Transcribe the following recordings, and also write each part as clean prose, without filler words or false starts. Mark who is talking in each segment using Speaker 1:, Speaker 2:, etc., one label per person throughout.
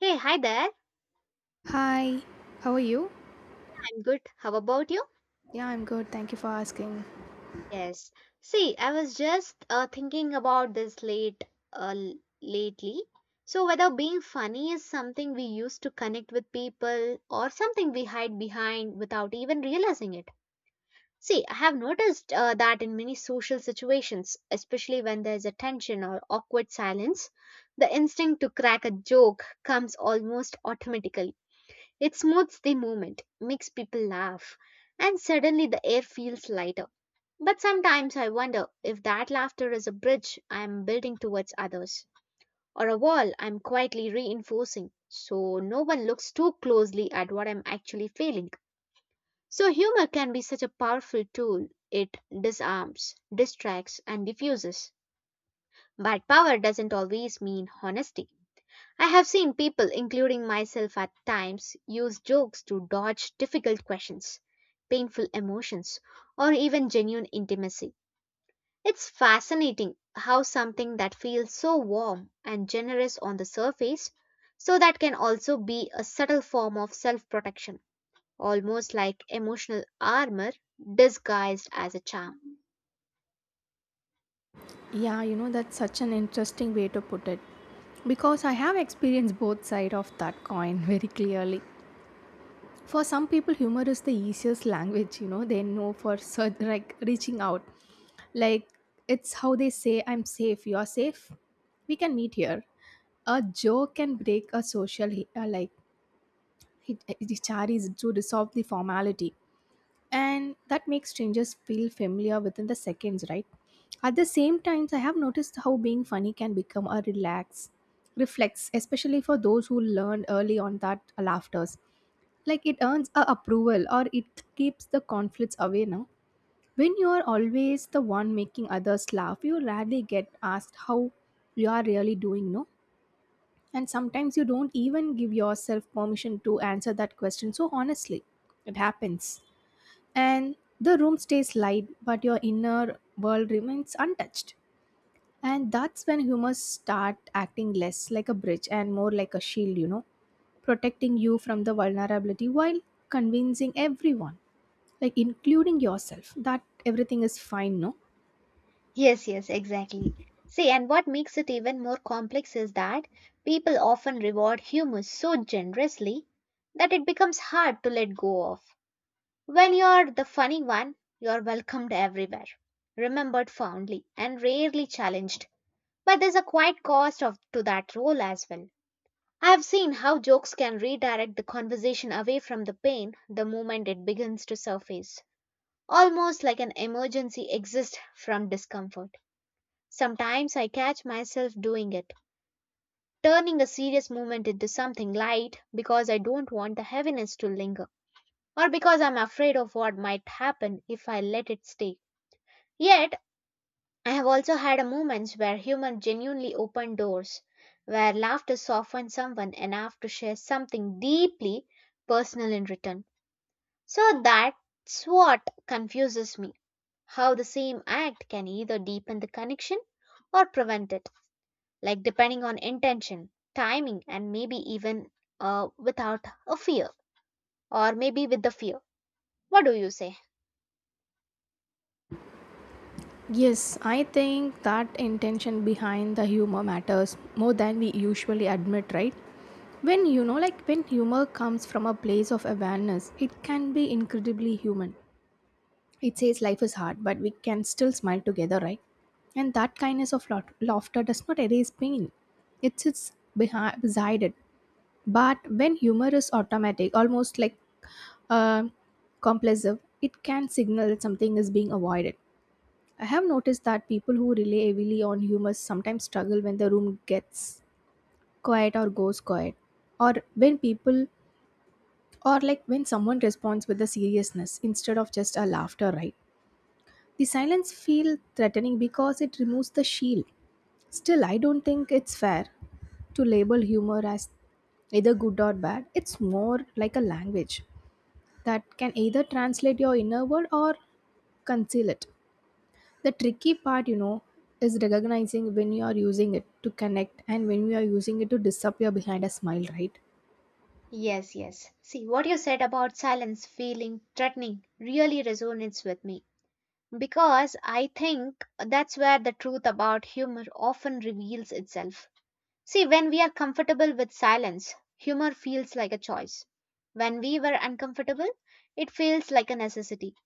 Speaker 1: Hey, hi there.
Speaker 2: Hi, how are you?
Speaker 1: I'm good. How about you?
Speaker 2: Yeah, I'm good. Thank you for asking.
Speaker 1: Yes. See, I was just thinking about this uh, l- lately. So whether being funny is something we use to connect with people or something we hide behind without even realizing it. See, I have noticed that in many social situations, especially when there's a tension or awkward silence, the instinct to crack a joke comes almost automatically. It smooths the moment, makes people laugh, and suddenly the air feels lighter. But sometimes I wonder if that laughter is a bridge I am building towards others, or a wall I am quietly reinforcing, so no one looks too closely at what I'm actually feeling. So, humor can be such a powerful tool. It disarms, distracts, and diffuses. But power doesn't always mean honesty. I have seen people, including myself at times, use jokes to dodge difficult questions, painful emotions, or even genuine intimacy. It's fascinating how something that feels so warm and generous on the surface, so that can also be a subtle form of self protection, almost like emotional armor disguised as a charm.
Speaker 2: Yeah, you know, that's such an interesting way to put it because I have experienced both sides of that coin very clearly. For some people, humor is the easiest language, you know, they know for like reaching out. Like, it's how they say, I'm safe, you're safe, we can meet here. A joke can break a social, charity to resolve the formality, and that makes strangers feel familiar within the seconds, right? At the same times, I have noticed how being funny can become a relax reflex, especially for those who learned early on that laughters, like, it earns a approval or it keeps the conflicts away. Now when you are always the one making others laugh, you rarely get asked how you are really doing, no? And sometimes you don't even give yourself permission to answer that question so honestly. It happens, and the room stays light but your inner world remains untouched. And that's when humors start acting less like a bridge and more like a shield, you know, protecting you from the vulnerability while convincing everyone, like including yourself, that everything is fine, no?
Speaker 1: Yes, yes, exactly. See, and what makes it even more complex is that people often reward humor so generously that it becomes hard to let go of. When you're the funny one, you're welcomed everywhere, remembered fondly, and rarely challenged. But there's a quiet cost of, to that role as well. I've seen how jokes can redirect the conversation away from the pain the moment it begins to surface, almost like an emergency exit from discomfort. Sometimes I catch myself doing it, turning a serious moment into something light because I don't want the heaviness to linger, or because I'm afraid of what might happen if I let it stay. Yet, I have also had moments where humor genuinely opened doors, where laughter softened someone enough to share something deeply personal in return. So that's what confuses me, how the same act can either deepen the connection or prevent it, like depending on intention, timing, and maybe even, without a fear or maybe with the fear. What do you say?
Speaker 2: Yes, I think that intention behind the humor matters more than we usually admit, right? When you know, like, when humor comes from a place of awareness, it can be incredibly human. It says life is hard, but we can still smile together, right? And that kindness of laughter does not erase pain. It sits behind, beside it. But when humor is automatic, almost like um compulsive, it can signal that something is being avoided. I have noticed that people who rely heavily on humor sometimes struggle when the room gets quiet or goes quiet, or when people, or like when someone responds with a seriousness instead of just a laughter, right? The silence feels threatening because it removes the shield. Still, I don't think it's fair to label humor as either good or bad. It's more like a language that can either translate your inner world or conceal it. The tricky part, you know, is recognizing when you are using it to connect and when you are using it to disappear behind a smile, right?
Speaker 1: Yes, yes. See, what you said about silence feeling threatening really resonates with me because I think that's where the truth about humor often reveals itself. See, when we are comfortable with silence, humor feels like a choice. When we were uncomfortable, it feels like a necessity.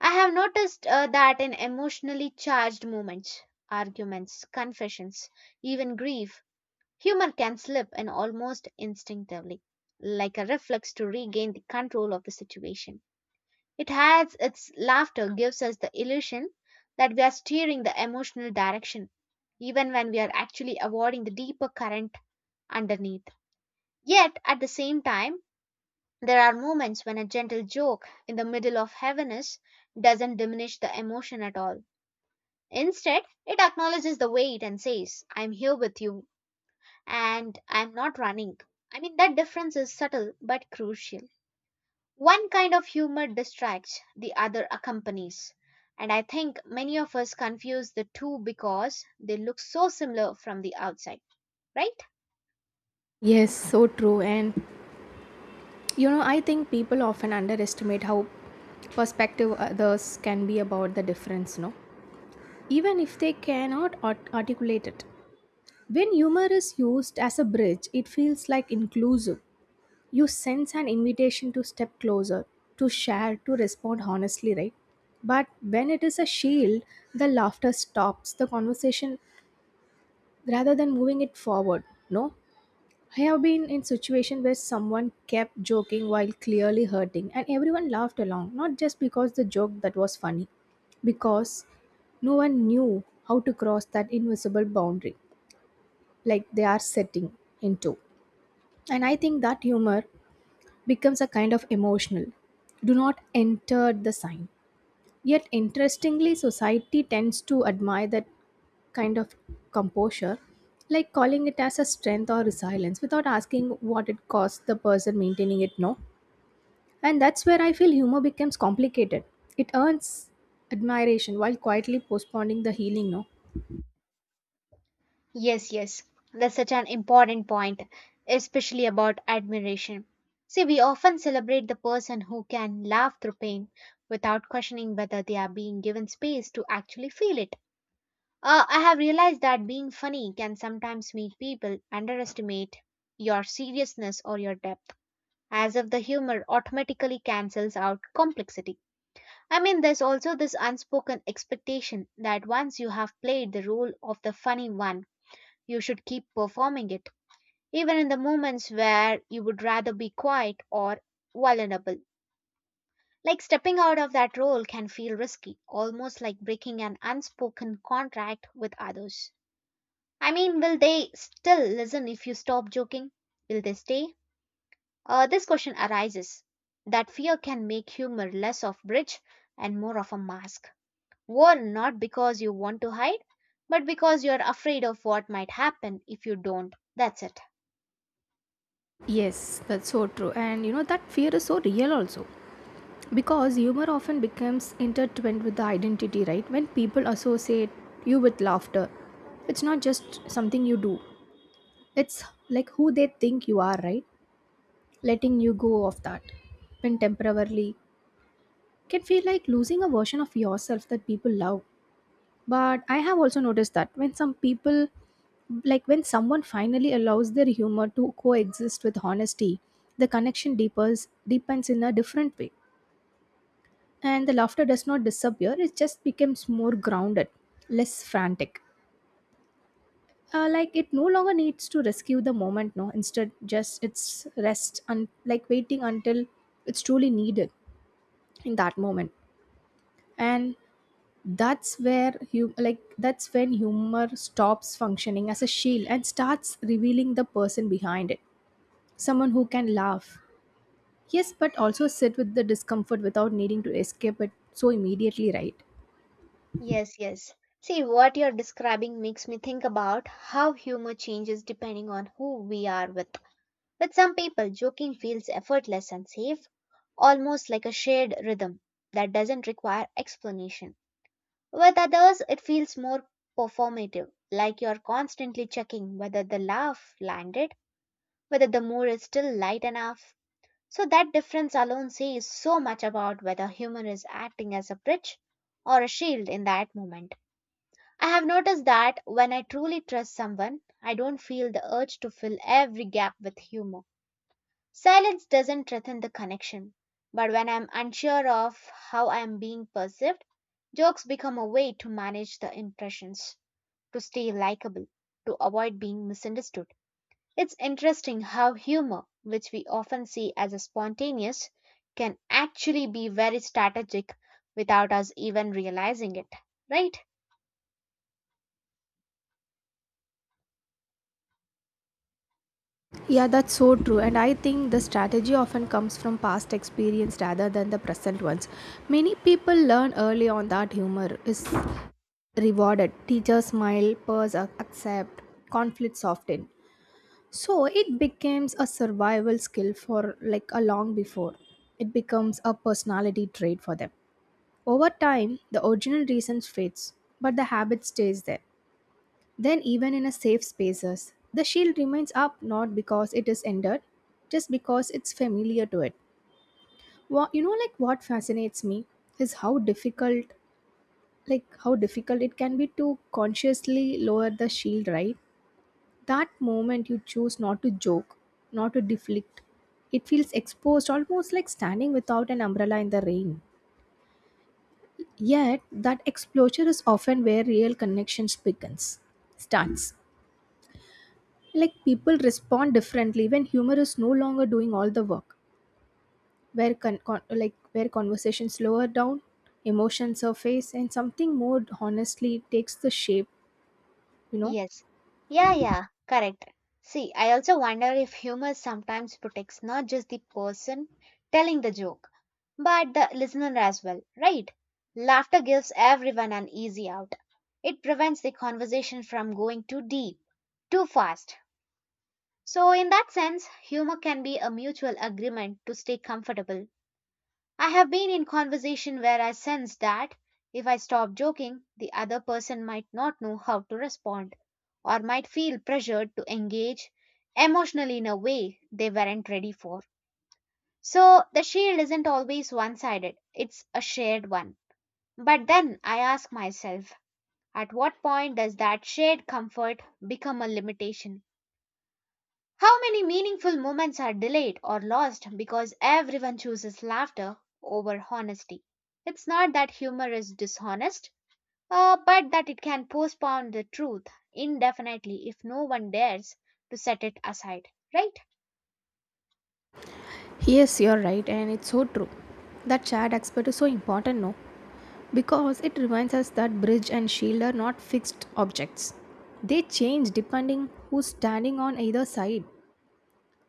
Speaker 1: I have noticed that in emotionally charged moments, arguments, confessions, even grief, humor can slip in almost instinctively, like a reflex to regain the control of the situation. It has its laughter gives us the illusion that we are steering the emotional direction, even when we are actually avoiding the deeper current underneath. Yet, at the same time, there are moments when a gentle joke in the middle of heaviness doesn't diminish the emotion at all. Instead, it acknowledges the weight and says, I'm here with you and I'm not running. I mean, that difference is subtle but crucial. One kind of humor distracts, the other accompanies. And I think many of us confuse the two because they look so similar from the outside, right?
Speaker 2: Yes, so true. And you know, I think people often underestimate how perspective others can be about the difference, no? Even if they cannot articulate it. When humor is used as a bridge, it feels like inclusive. You sense an invitation to step closer, to share, to respond honestly, right? But when it is a shield, the laughter stops the conversation rather than moving it forward, no? I have been in situation where someone kept joking while clearly hurting and everyone laughed along, not just because the joke that was funny, because no one knew how to cross that invisible boundary like they are setting into. And I think that humor becomes a kind of emotional. Do not enter the sign. Yet interestingly society tends to admire that kind of composure, like calling it as a strength or resilience without asking what it costs the person maintaining it, no? And that's where I feel humor becomes complicated. It earns admiration while quietly postponing the healing, no?
Speaker 1: Yes, yes, that's such an important point, especially about admiration. See, we often celebrate the person who can laugh through pain without questioning whether they are being given space to actually feel it. I have realized that being funny can sometimes make people underestimate your seriousness or your depth, as if the humor automatically cancels out complexity. I mean, there's also this unspoken expectation that once you have played the role of the funny one, you should keep performing it, even in the moments where you would rather be quiet or vulnerable. Like stepping out of that role can feel risky, almost like breaking an unspoken contract with others. I mean, will they still listen if you stop joking? Will they stay? This question arises. That fear can make humor less of bridge and more of a mask. Worn not because you want to hide, but because you're afraid of what might happen if you don't. That's it.
Speaker 2: Yes, that's so true. And you know, that fear is so real also. Because humor often becomes intertwined with the identity, right? When people associate you with laughter, it's not just something you do, it's like who they think you are, right? Letting you go of that when temporarily can feel like losing a version of yourself that people love. But I have also noticed that when some people, like when someone finally allows their humor to coexist with honesty, the connection deepens in a different way, and the laughter does not disappear, it just becomes more grounded, less frantic, like it no longer needs to rescue the moment, no, instead just it's rest and like waiting until it's truly needed in that moment. And that's where you like, that's when humor stops functioning as a shield and starts revealing the person behind it, someone who can laugh, yes, but also sit with the discomfort without needing to escape it so immediately, right?
Speaker 1: Yes, yes. See, what you're describing makes me think about how humor changes depending on who we are with. With some people, joking feels effortless and safe, almost like a shared rhythm that doesn't require explanation. With others, it feels more performative, like you're constantly checking whether the laugh landed, whether the mood is still light enough. So, that difference alone says so much about whether humor is acting as a bridge or a shield in that moment. I have noticed that when I truly trust someone, I don't feel the urge to fill every gap with humor. Silence doesn't threaten the connection, but when I'm unsure of how I am being perceived, jokes become a way to manage the impressions, to stay likable, to avoid being misunderstood. It's interesting how humor, which we often see as a spontaneous, can actually be very strategic without us even realizing it, right?
Speaker 2: Yeah, that's so true. And I think the strategy often comes from past experience rather than the present ones. Many people learn early on that humor is rewarded, teachers smile, peers accept, conflicts soften. So it becomes a survival skill for like a long before. It becomes a personality trait for them. Over time, the original reason fades, but the habit stays there. Then even in a safe spaces, the shield remains up, not because it is ended, just because it's familiar to it. What, you know, like what fascinates me is how difficult like how difficult it can be to consciously lower the shield, right? That moment you choose not to joke, not to deflect, it feels exposed, almost like standing without an umbrella in the rain. Yet, that exposure is often where real connections starts. Like people respond differently when humor is no longer doing all the work, where like where conversations slower down, emotions surface, and something more honestly takes the shape. You know,
Speaker 1: Yes. Yeah, yeah, correct. See, I also wonder if humor sometimes protects not just the person telling the joke, but the listener as well, right? Laughter gives everyone an easy out. It prevents the conversation from going too deep, too fast. So, in that sense, humor can be a mutual agreement to stay comfortable. I have been in conversation where I sense that if I stop joking, the other person might not know how to respond or might feel pressured to engage emotionally in a way they weren't ready for. So the shield isn't always one sided, it's a shared one. But then I ask myself, at what point does that shared comfort become a limitation? How many meaningful moments are delayed or lost because everyone chooses laughter over honesty? It's not that humor is dishonest, but that it can postpone the truth indefinitely if no one dares to set it aside, right?
Speaker 2: yes, you're right, and it's so true. That shared aspect is so important, no? Because it reminds us that bridge and shield are not fixed objects. They change depending who's standing on either side.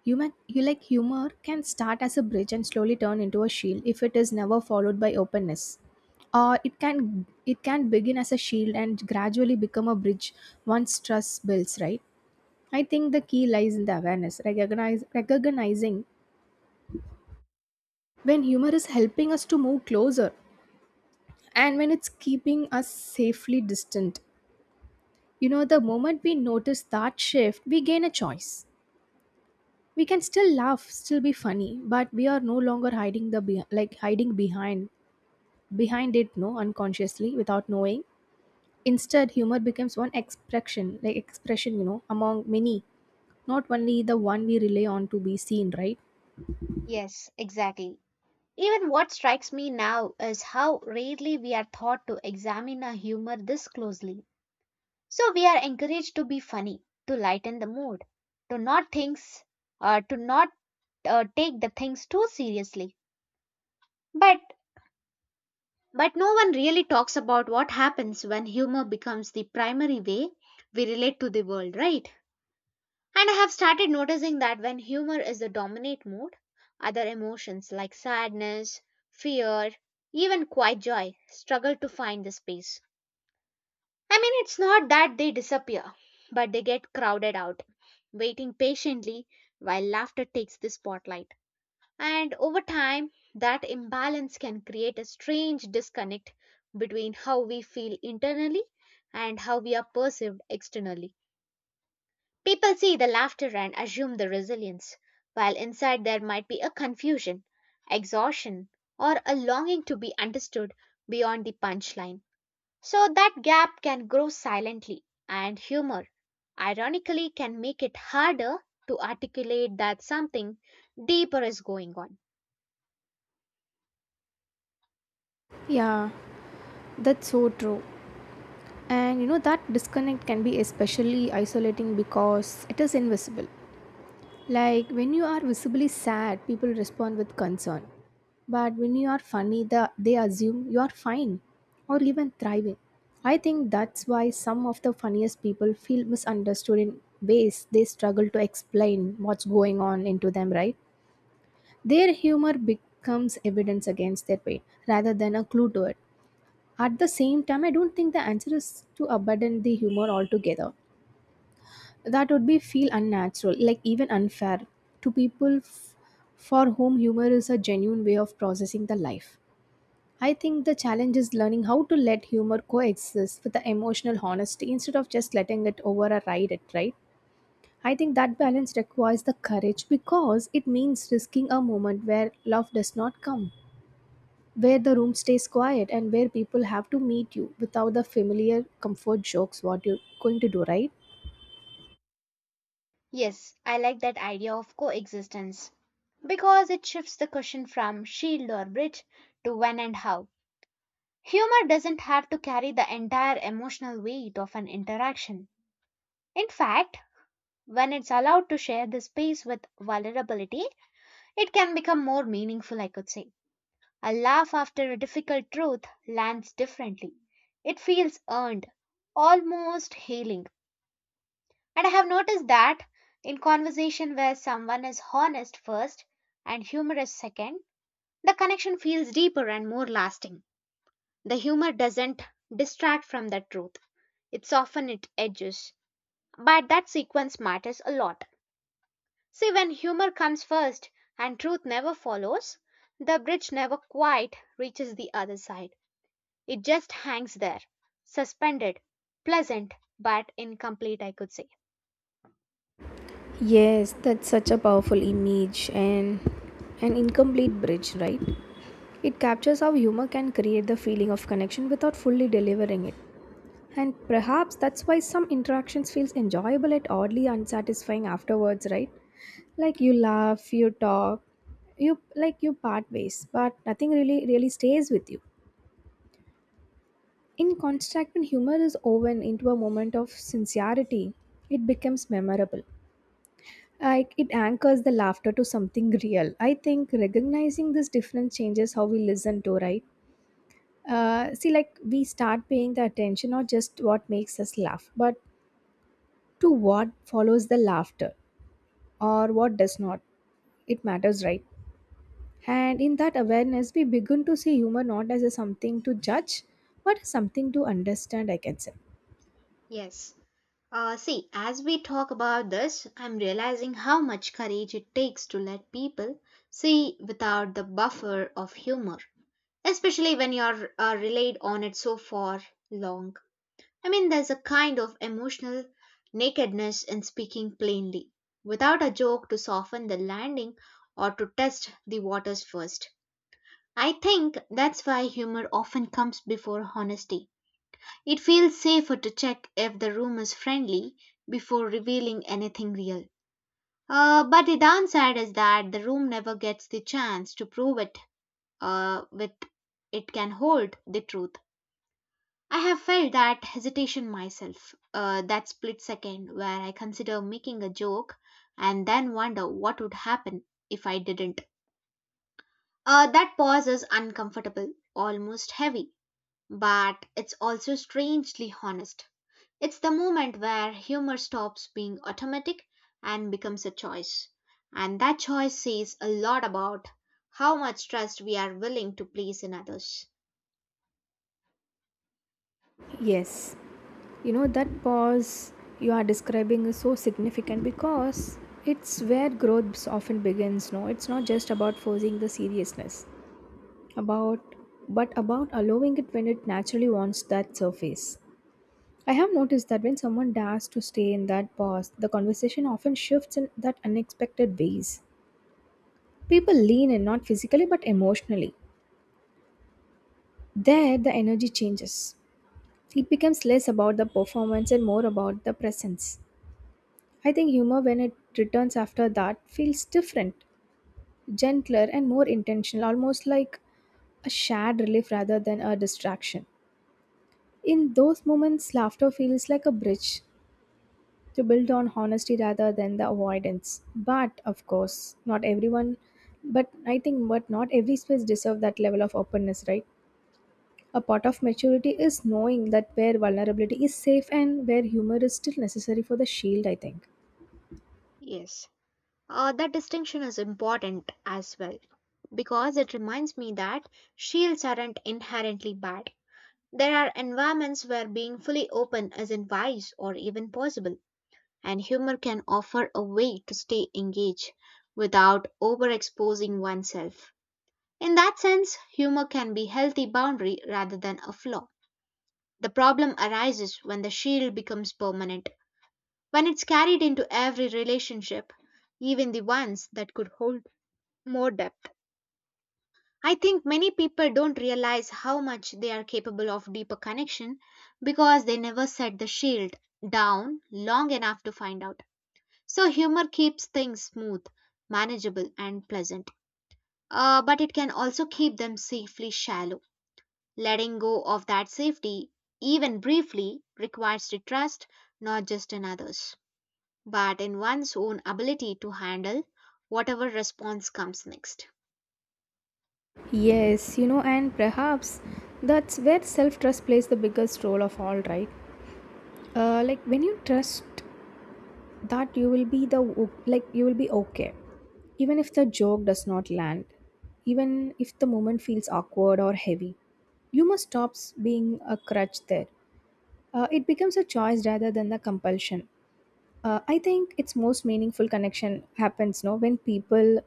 Speaker 2: Human, you like humor can start as a bridge and slowly turn into a shield if it is never followed by openness. Or it can begin as a shield and gradually become a bridge once trust builds, right? I think the key lies in the awareness, recognizing when humor is helping us to move closer and when it's keeping us safely distant. You know, the moment we notice that shift, we gain a choice. We can still laugh, still be funny, but we are no longer hiding the like hiding behind it, no, unconsciously without knowing. Instead, humor becomes one expression, like expression, you know, among many, not only the one we rely on to be seen, right?
Speaker 1: Yes, exactly. Even what strikes me now is how rarely we are taught to examine a humor this closely. So we are encouraged to be funny, to lighten the mood, to not things, to not take the things too seriously. But no one really talks about what happens when humor becomes the primary way we relate to the world, right? And I have started noticing that when humor is the dominant mood, other emotions like sadness, fear, even quiet joy struggle to find the space. I mean, it's not that they disappear, but they get crowded out, waiting patiently while laughter takes the spotlight. And over time, that imbalance can create a strange disconnect between how we feel internally and how we are perceived externally. People see the laughter and assume the resilience, while inside there might be a confusion, exhaustion, or a longing to be understood beyond the punchline. So that gap can grow silently, and humor, ironically, can make it harder to articulate that something deeper is going on.
Speaker 2: Yeah, that's so true. And you know that disconnect can be especially isolating because it is invisible. Like when you are visibly sad, people respond with concern, but when you are funny, the, they assume you are fine or even thriving. I think that's why some of the funniest people feel misunderstood in ways they struggle to explain what's going on into them, right? Their humor becomes evidence against their pain rather than a clue to it. At the same time, I don't think the answer is to abandon the humor altogether. That would be feel unnatural, like even unfair to for whom humor is a genuine way of processing the life. I think the challenge is learning how to let humor coexist with the emotional honesty instead of just letting it override it, right? I think that balance requires the courage because it means risking a moment where love does not come, where the room stays quiet and where people have to meet you without the familiar comfort jokes. What you're going to do, right?
Speaker 1: Yes, I like that idea of coexistence because it shifts the question from shield or bridge to when and how. Humor doesn't have to carry the entire emotional weight of an interaction. In fact, when it's allowed to share the space with vulnerability, it can become more meaningful, I could say. A laugh after a difficult truth lands differently. It feels earned, almost healing. And I have noticed that in conversation where someone is honest first and humorous second, the connection feels deeper and more lasting. The humor doesn't distract from the truth. It's often it edges. But that sequence matters a lot. See, when humor comes first and truth never follows, the bridge never quite reaches the other side. It just hangs there, suspended, pleasant but incomplete, I could say.
Speaker 2: Yes, that's such a powerful image and an incomplete bridge, right? It captures how humor can create the feeling of connection without fully delivering it. And perhaps that's why some interactions feels enjoyable yet oddly unsatisfying afterwards, right? Like you laugh, you talk, you like you part ways, but nothing really stays with you. In contrast, when humor is woven into a moment of sincerity, it becomes memorable. Like it anchors the laughter to something real. I think recognizing this difference changes how we listen to, right? See, like we start paying the attention not just what makes us laugh, but to what follows the laughter or what does not. It matters, right? And in that awareness, we begin to see humor not as a something to judge, but something to understand, I can say.
Speaker 1: Yes. See, as we talk about this, I'm realizing how much courage it takes to let people see without the buffer of humor, especially when you're relayed on it so far long. I mean, there's a kind of emotional nakedness in speaking plainly, without a joke to soften the landing or to test the waters first. I think that's why humor often comes before honesty. It feels safer to check if the room is friendly before revealing anything real. But the downside is that the room never gets the chance to prove it, with it can hold the truth. I have felt that hesitation myself, that split second where I consider making a joke and then wonder what would happen if I didn't. That pause is uncomfortable, almost heavy, but it's also strangely honest. It's the moment where humor stops being automatic and becomes a choice. And that choice says a lot about how much trust we are willing to place in others.
Speaker 2: Yes, you know, that pause you are describing is so significant because it's where growth often begins. No, it's not just about forcing the seriousness, about but about allowing it when it naturally wants that surface. I have noticed that when someone dares to stay in that pause, the conversation often shifts in that unexpected ways. People lean in not physically but emotionally. There, the energy changes. It becomes less about the performance and more about the presence. I think humor, when it returns after that, feels different, gentler, and more intentional, almost like a shared relief rather than a distraction. In those moments, laughter feels like a bridge to build on honesty rather than the avoidance. But of course, not everyone, but I think, but not every space deserves that level of openness, right? A part of maturity is knowing that where vulnerability is safe and where humor is still necessary for the shield, I think.
Speaker 1: Yes, that distinction is important as well because it reminds me that shields aren't inherently bad. There are environments where being fully open isn't wise or even possible. And humor can offer a way to stay engaged without overexposing oneself. In that sense, humor can be healthy boundary rather than a flaw. The problem arises when the shield becomes permanent, when it's carried into every relationship, even the ones that could hold more depth. I think many people don't realize how much they are capable of deeper connection because they never set the shield down long enough to find out. So humor keeps things smooth, manageable, and pleasant. But it can also keep them safely shallow. Letting go of that safety, even briefly, requires the trust not just in others, but in one's own ability to handle whatever response comes next.
Speaker 2: Yes, you know, and perhaps that's where self trust plays the biggest role of all, right? Like when you trust that you will be the o- like you will be okay, even if the joke does not land, even if the moment feels awkward or heavy, you must stop being a crutch there. It becomes a choice rather than the compulsion. I think its most meaningful connection happens no when people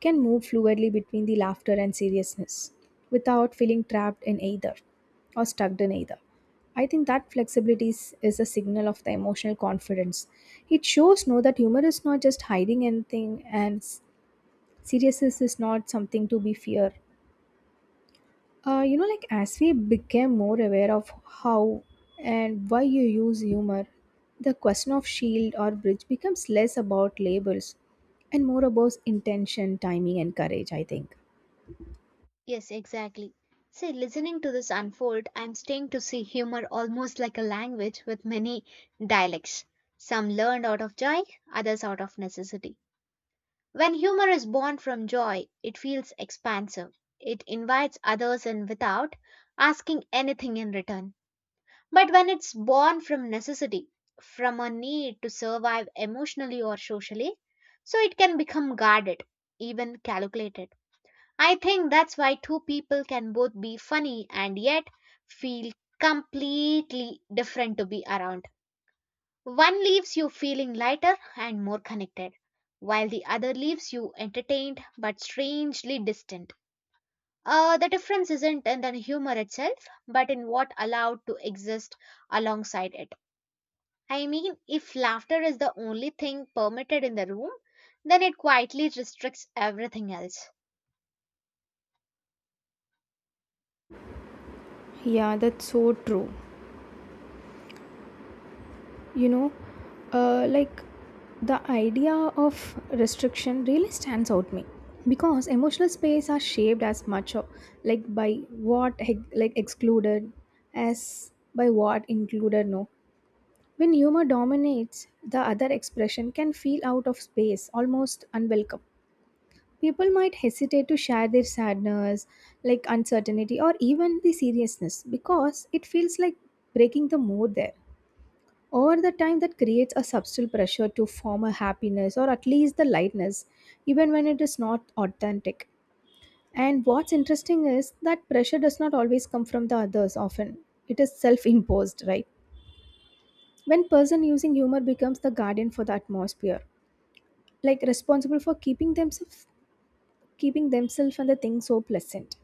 Speaker 2: can move fluidly between the laughter and seriousness without feeling trapped in either or stuck in either. I think that flexibility is a signal of the emotional confidence. It shows no that humor is not just hiding anything and seriousness is not something to be feared you know, like as we became more aware of how and why you use humor, the question of shield or bridge becomes less about labels and more about intention, timing, and courage, I think.
Speaker 1: Yes, exactly. See, listening to this unfold, I'm staying to see humor almost like a language with many dialects. Some learned out of joy, others out of necessity. When humor is born from joy, it feels expansive. It invites others in without asking anything in return. But when it's born from necessity, from a need to survive emotionally or socially, so it can become guarded, even calculated. I think that's why two people can both be funny and yet feel completely different to be around. One leaves you feeling lighter and more connected, while the other leaves you entertained but strangely distant. The difference isn't in the humor itself, but in what allowed to exist alongside it. I mean, if laughter is the only thing permitted in the room, then it quietly restricts everything else.
Speaker 2: Yeah, that's so true. You know, uh, like the idea of restriction really stands out to me because emotional space are shaped as much of, like by what excluded as by what included no. When humor dominates, the other expression can feel out of space, almost unwelcome. People might hesitate to share their sadness, like uncertainty, or even the seriousness because it feels like breaking the mood there. Over the time, that creates a subtle pressure to form a happiness or at least the lightness, even when it is not authentic. And what's interesting is that pressure does not always come from the others often. It is self imposed, right? When person using humor becomes the guardian for the atmosphere, like responsible for keeping themselves and the thing so pleasant,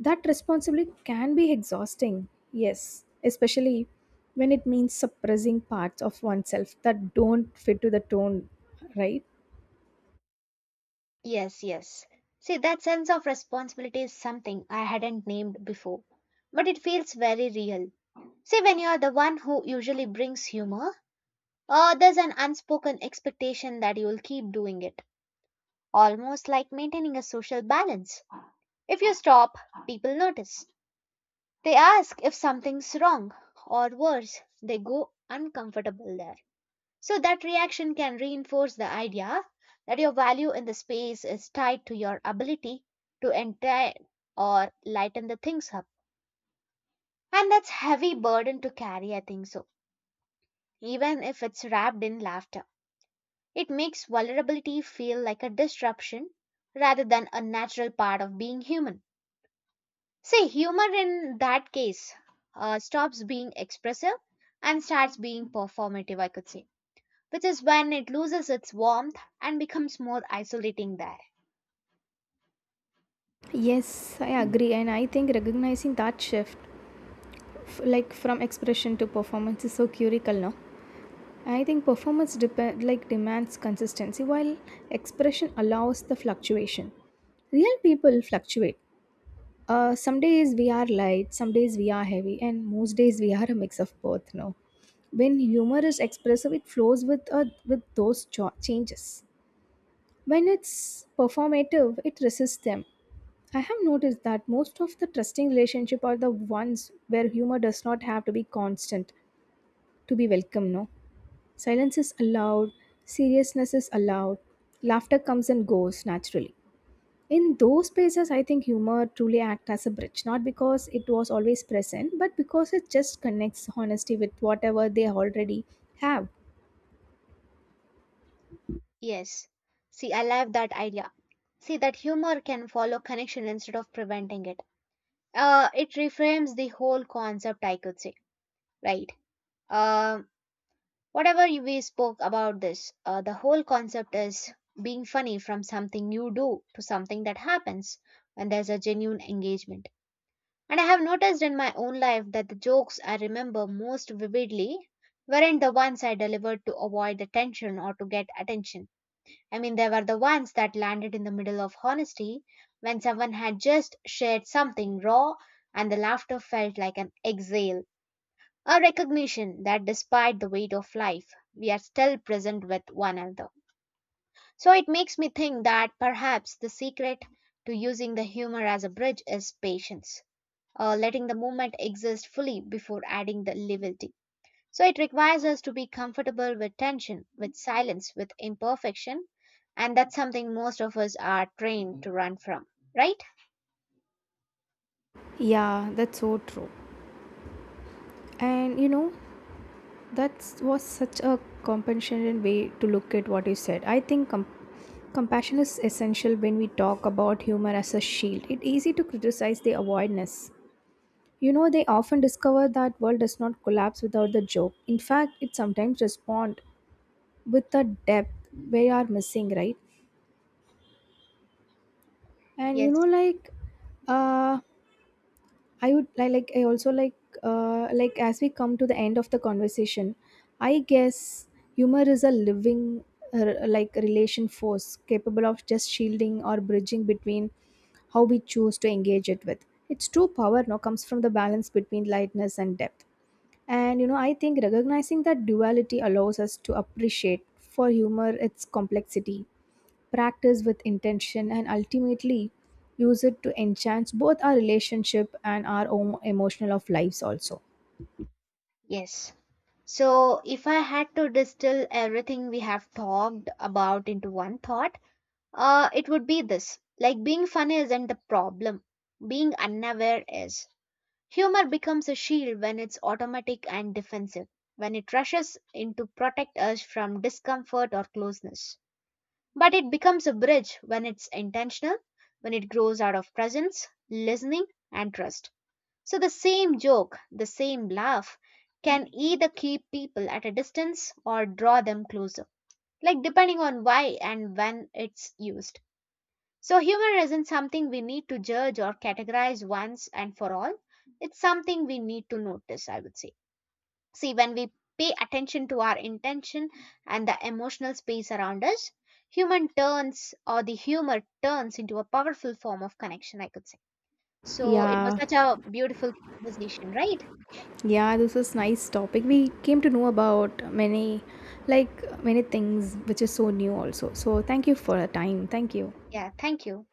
Speaker 2: that responsibility can be exhausting, yes, especially when it means suppressing parts of oneself that don't fit to the tone, right?
Speaker 1: Yes, yes. See, that sense of responsibility is something I hadn't named before, but it feels very real. See, when you're the one who usually brings humor, there's an unspoken expectation that you'll keep doing it, almost like maintaining a social balance. If you stop, people notice. They ask if something's wrong, or worse, they go uncomfortable there. So, that reaction can reinforce the idea that your value in the space is tied to your ability to entertain or lighten the things up. And that's heavy burden to carry, I think so, even if it's wrapped in laughter. It makes vulnerability feel like a disruption rather than a natural part of being human. Say, humor in that case stops being expressive and starts being performative, I could say, which is when it loses its warmth and becomes more isolating there.
Speaker 2: Yes, I agree, and I think recognizing that shift, from expression to performance, is so curical now. I think performance depend like demands consistency, while expression allows the fluctuation. Real people fluctuate. Some days we are light, some days we are heavy, and most days we are a mix of both. No, when humor is expressive, it flows with changes. When it's performative, it resists them. I have noticed that most of the trusting relationship are the ones where humor does not have to be constant to be welcome. No, silence is allowed, seriousness is allowed, laughter comes and goes naturally in those spaces. I think humor truly acts as a bridge not because it was always present but because it just connects honesty with whatever they already have.
Speaker 1: Yes. See, I love that idea. See, that humor can follow connection instead of preventing it. It reframes the whole concept, I could say, right? Um, we spoke about this, the whole concept is being funny from something you do to something that happens when there's a genuine engagement. And I have noticed in my own life that the jokes I remember most vividly weren't the ones I delivered to avoid the tension or to get attention. I mean, they were the ones that landed in the middle of honesty when someone had just shared something raw and the laughter felt like an exhale. A recognition that despite the weight of life, we are still present with one another. So it makes me think that perhaps the secret to using the humor as a bridge is patience, letting the moment exist fully before adding the levity. So it requires us to be comfortable with tension, with silence, with imperfection, and that's something most of us are trained to run from, right?
Speaker 2: Yeah, that's so true. And you know, that was such a compassionate way to look at what you said. I think compassion is essential when we talk about humor as a shield. It's easy to criticize the avoidance. You know, they often discover that world does not collapse without the joke. In fact, it sometimes responds with the depth we are missing, right? And you know
Speaker 1: Yes,
Speaker 2: like uh I would I like I also like as we come to the end of the conversation, I guess humor is a living, like, relation force capable of just shielding or bridging. Between how we choose to engage it with its true power now comes from the balance between lightness and depth. And you know, I think recognizing that duality allows us to appreciate for humor its complexity, practice with intention, and ultimately use it to enhance both our relationship and our own emotional of lives also.
Speaker 1: yes. So, if I had to distill everything we have talked about into one thought, it would be this like being funny isn't the problem, being unaware is. Humor becomes a shield when it's automatic and defensive, when it rushes in to protect us from discomfort or closeness. But it becomes a bridge when it's intentional, when it grows out of presence, listening, and trust. So the same joke, the same laugh, can either keep people at a distance or draw them closer, like depending on why and when it's used. So, humor isn't something we need to judge or categorize once and for all. It's something we need to notice, I would say. See, when we pay attention to our intention and the emotional space around us, human turns or the humor turns into a powerful form of connection, I could say. So, it was
Speaker 2: Yeah,
Speaker 1: such a beautiful conversation, right?
Speaker 2: yeah, this is nice topic. We came to know about many, like many things which is so new also. So thank you for the time. Thank you.
Speaker 1: Yeah, thank you.